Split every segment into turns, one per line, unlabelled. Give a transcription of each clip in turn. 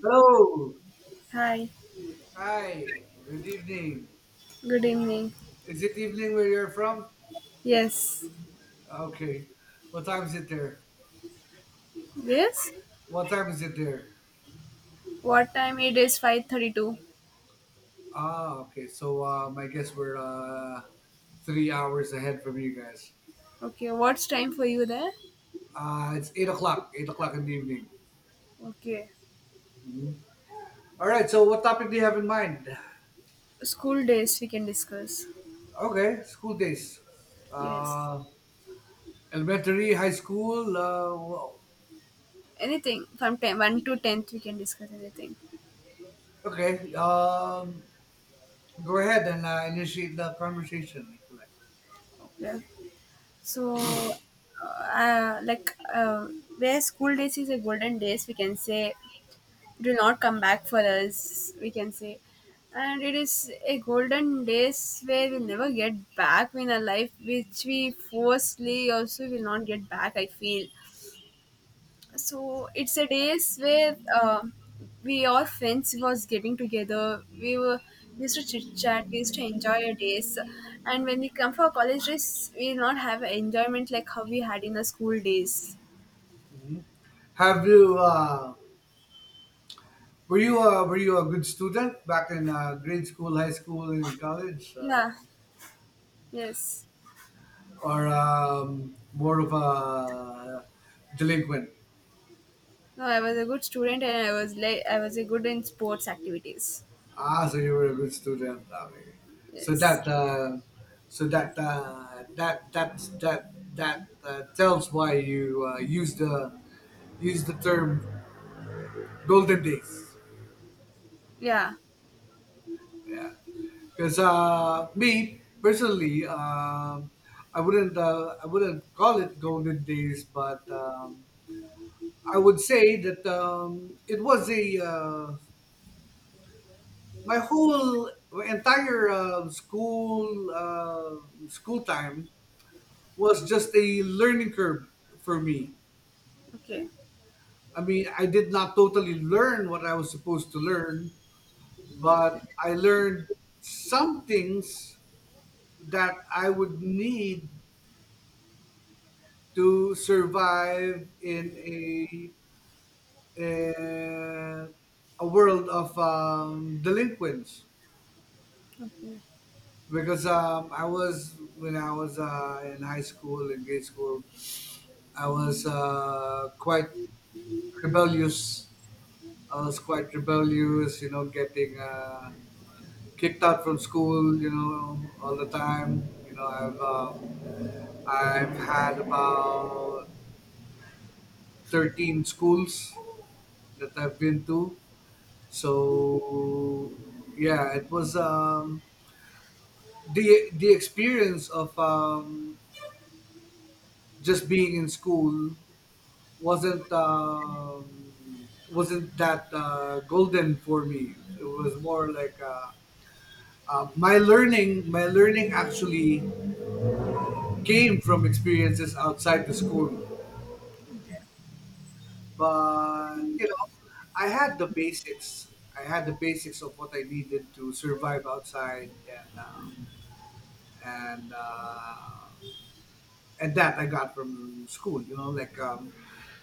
Hello.
Hi,
Hi. Good evening.
good evening.
Is it evening where you're from?
Yes,
Okay. What time is it there?
yes.
What time is it there?
What time? It is 5:32.
Ah, okay. So I guess we're 3 hours ahead from you guys.
Okay, what's time for you there?
It's 8 o'clock. 8 o'clock in the evening.
Okay,
All right. So what topic do you have in mind?
school days we can discuss.
Okay. School days.
Yes,
Uh, Elementary, high school.
anything from ten one to tenth we can discuss anything.
Okay. Go ahead and initiate the conversation if you like.
Okay. So, like where school days is a golden days, we can say do not come back for us we can say, and it is a golden days where we'll never get back in our life, which we forcefully also will not get back, I feel. So it's a days where we all friends was getting together, we used to chit chat, we used to enjoy our days. And when we come for college days, we will not have enjoyment like how we had in the school days.
Have you Were you a good student back in grade school, high school, and college,
Yeah, yes.
or more of a delinquent?
No, I was a good student, and I was like I was a good in sports activities.
Ah, so you were a good student. Okay. So
Yes.
that uh, so that that tells why you use the term golden days.
Yeah.
Because me personally, I wouldn't call it golden days, but I would say that it was a my entire school school time was just a learning curve for me.
Okay.
I mean, I did not totally learn what I was supposed to learn, but I learned some things that I would need to survive in uh, a world of delinquents, because I was when I was in high school, in grade school. I was quite rebellious. I was quite rebellious, getting kicked out from school, all the time. I've had about 13 schools that I've been to. So yeah, it was the experience of just being in school wasn't that golden for me. It was more like my learning. My learning actually came from experiences outside the school, but I had the basics. I had the basics of what I needed to survive outside and uh, and that I got from school. You know, like um,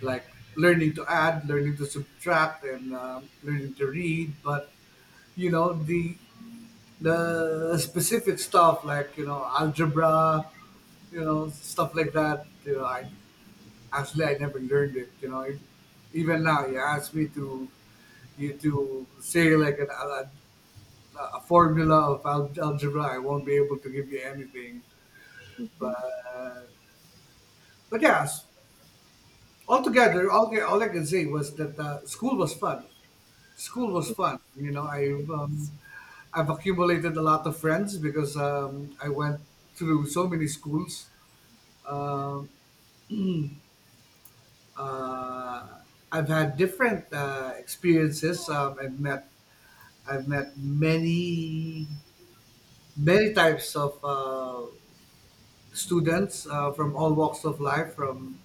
like learning to add, learning to subtract, and learning to read. But you know the the specific stuff, like algebra, stuff like that. You know, I actually I never learned it. Even now you ask me to say, like, a formula of algebra, I won't be able to give you anything. But but yeah, altogether, all I can say was that school was fun. School was fun. I've accumulated a lot of friends because I went through so many schools. Um, uh, I've had different experiences. I've met many types of students from all walks of life, from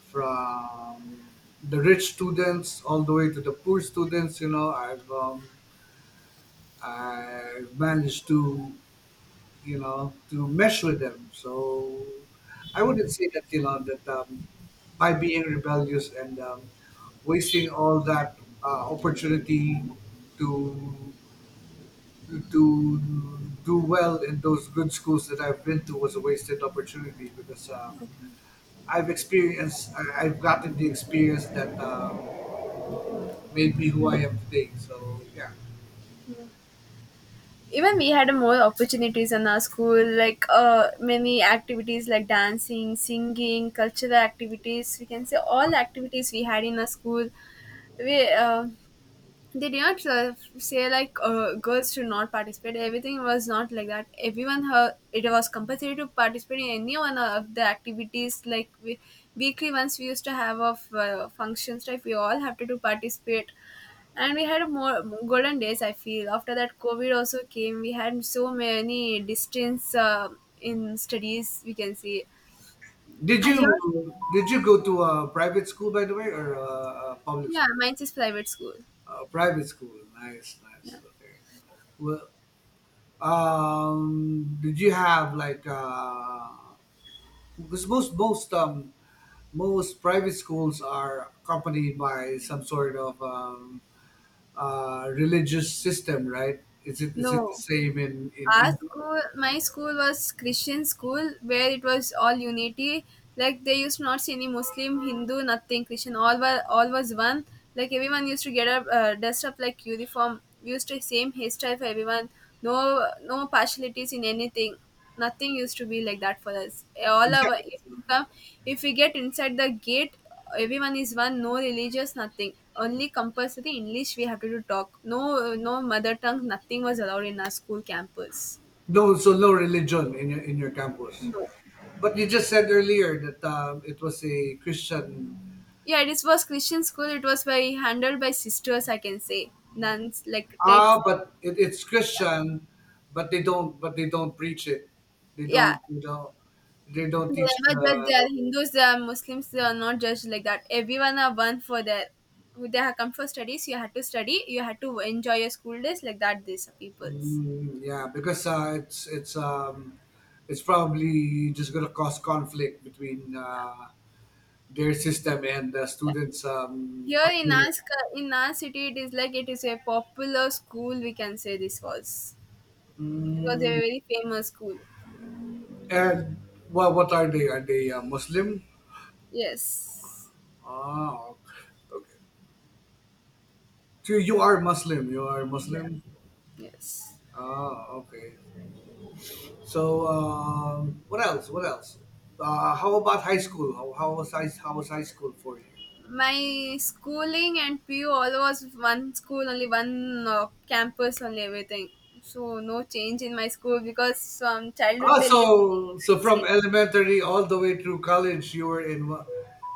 from the rich students all the way to the poor students. I've managed to you know to mesh with them, so I wouldn't say that you know that by being rebellious and wasting all that opportunity to to do well in those good schools that I've been to was a wasted opportunity, because I've gotten the experience that made me who I am today. So yeah.
Even we had more opportunities in our school, like many activities like dancing, singing, cultural activities. We can say all activities we had in our school. We They did not say like girls should not participate. Everything was not like that. Everyone her, it was compulsory to participate in any one of the activities. Like weekly once we used to have of functions type, we all have to do participate. And we had more golden days, I feel. After that, COVID also came. We had so many distance in studies, we can see
Did
as
you
your.
did you go to a private school, by the way, or a public
Yeah,
school?
mine is private school.
A private school. Nice,
Yeah.
nice. Okay. Well, did you have, like, because most private schools are accompanied by some sort of religious system, right? Is it the
No,
same in in
our
in,
school my school was Christian school where it was all unity. Like they used to not see any Muslim, Hindu, nothing. Christian, all was one. Like everyone used to get up, dressed up like uniform. We used to same hairstyle for everyone. No, no partialities in anything. Nothing used to be like that for us, all
in
our. If we get inside the gate, everyone is one. No religious nothing. Only compulsory English we have to do talk. No, no mother tongue nothing was allowed in our school campus.
no, so no religion in your campus?
No.
But you just said earlier that it was a Christian.
Yeah, this was Christian school. It was by handled by sisters, I can say. Nuns like types.
Ah, but it's Christian, but they don't. But they don't preach it. They
Yeah,
don't. They don't
they
teach
never judge.
the.
They are Hindus, they are Muslims, they are not judged like that. Everyone are one for their. They have come for studies. You had to study, you had to enjoy your school days like that. These are peoples. Yeah.
Yeah, because it's probably just gonna cause conflict between their system and the students'
Here in our,
upbringing.
sc- in our city, it is like it is a popular school, we can say this was. It was a
Mm,
very famous school.
and well, what are they? Are they Muslim?
Yes.
Oh, so you are Muslim. You are
Yeah.
Muslim.
Yes.
Ah, okay. So what else? What else? How about high school? How was high school for you?
My schooling and PU all was one school, only one campus, only everything. So no change in my school, because from childhood
Ah,
till year,
so from
same.
elementary all the way through college, you were in one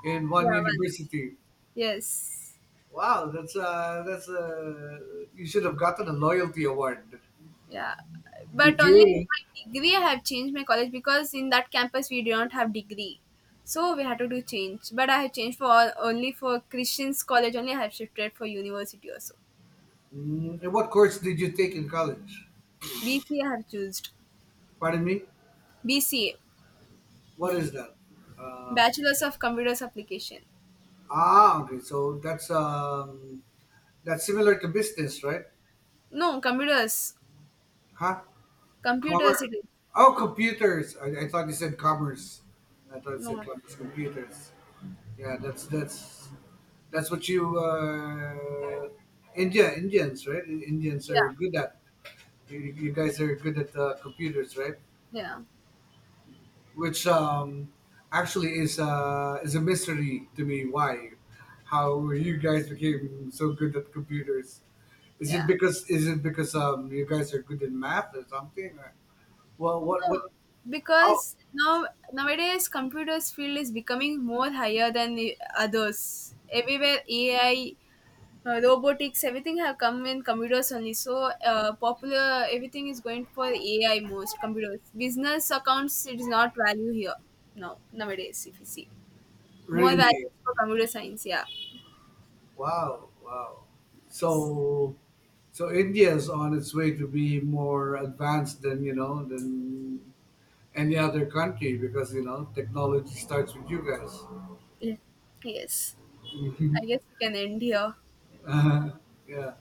in one
Yeah, one.
university.
Yes.
Wow, that's you should have gotten a loyalty award.
Yeah, but
Did
only
you?
my degree I have changed my college, because in that campus we do not have degree, so we had to do change. But I have changed for all, only for Christian's college only. I have shifted for university also.
And what course did you take in college?
BCA I have chosen.
Pardon me.
BCA,
What is that? Uh,
Bachelor's of Computers Application.
Ah, okay. So that's similar to business, right?
No, computers,
Huh?
computers
Commerce.
it is.
Oh, computers. I thought you said commerce. I thought it said
No,
commerce. Computers. Yeah, that's what you Indians, right? Indians are
yeah,
good at. You guys are good at computers, right?
yeah,
Which actually is a mystery to me. Why? How you guys became so good at computers? Is it
yeah.
because is it because um you guys are good in math or something? Or, well,
No,
what how
because now nowadays computers field is becoming more higher than the others. Everywhere AI robotics everything have come in computers only. So popular, everything is going for AI most. Computers, business, accounts, it is not value here now nowadays. If you see, more
really?
value for computer science. Yeah,
Wow, wow.
yes.
So so India is on its way to be more advanced than you know than any other country, because technology starts with you guys.
Yeah. Yes.
Mhm.
I guess we can end here.
Uh, yeah.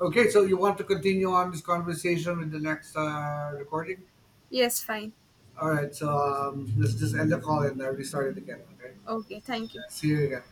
Okay, so you want to continue on this conversation with the next recording?
Yes, fine.
All right, so let's just end the call and restart it again. Okay.
Okay, thank you.
See you again.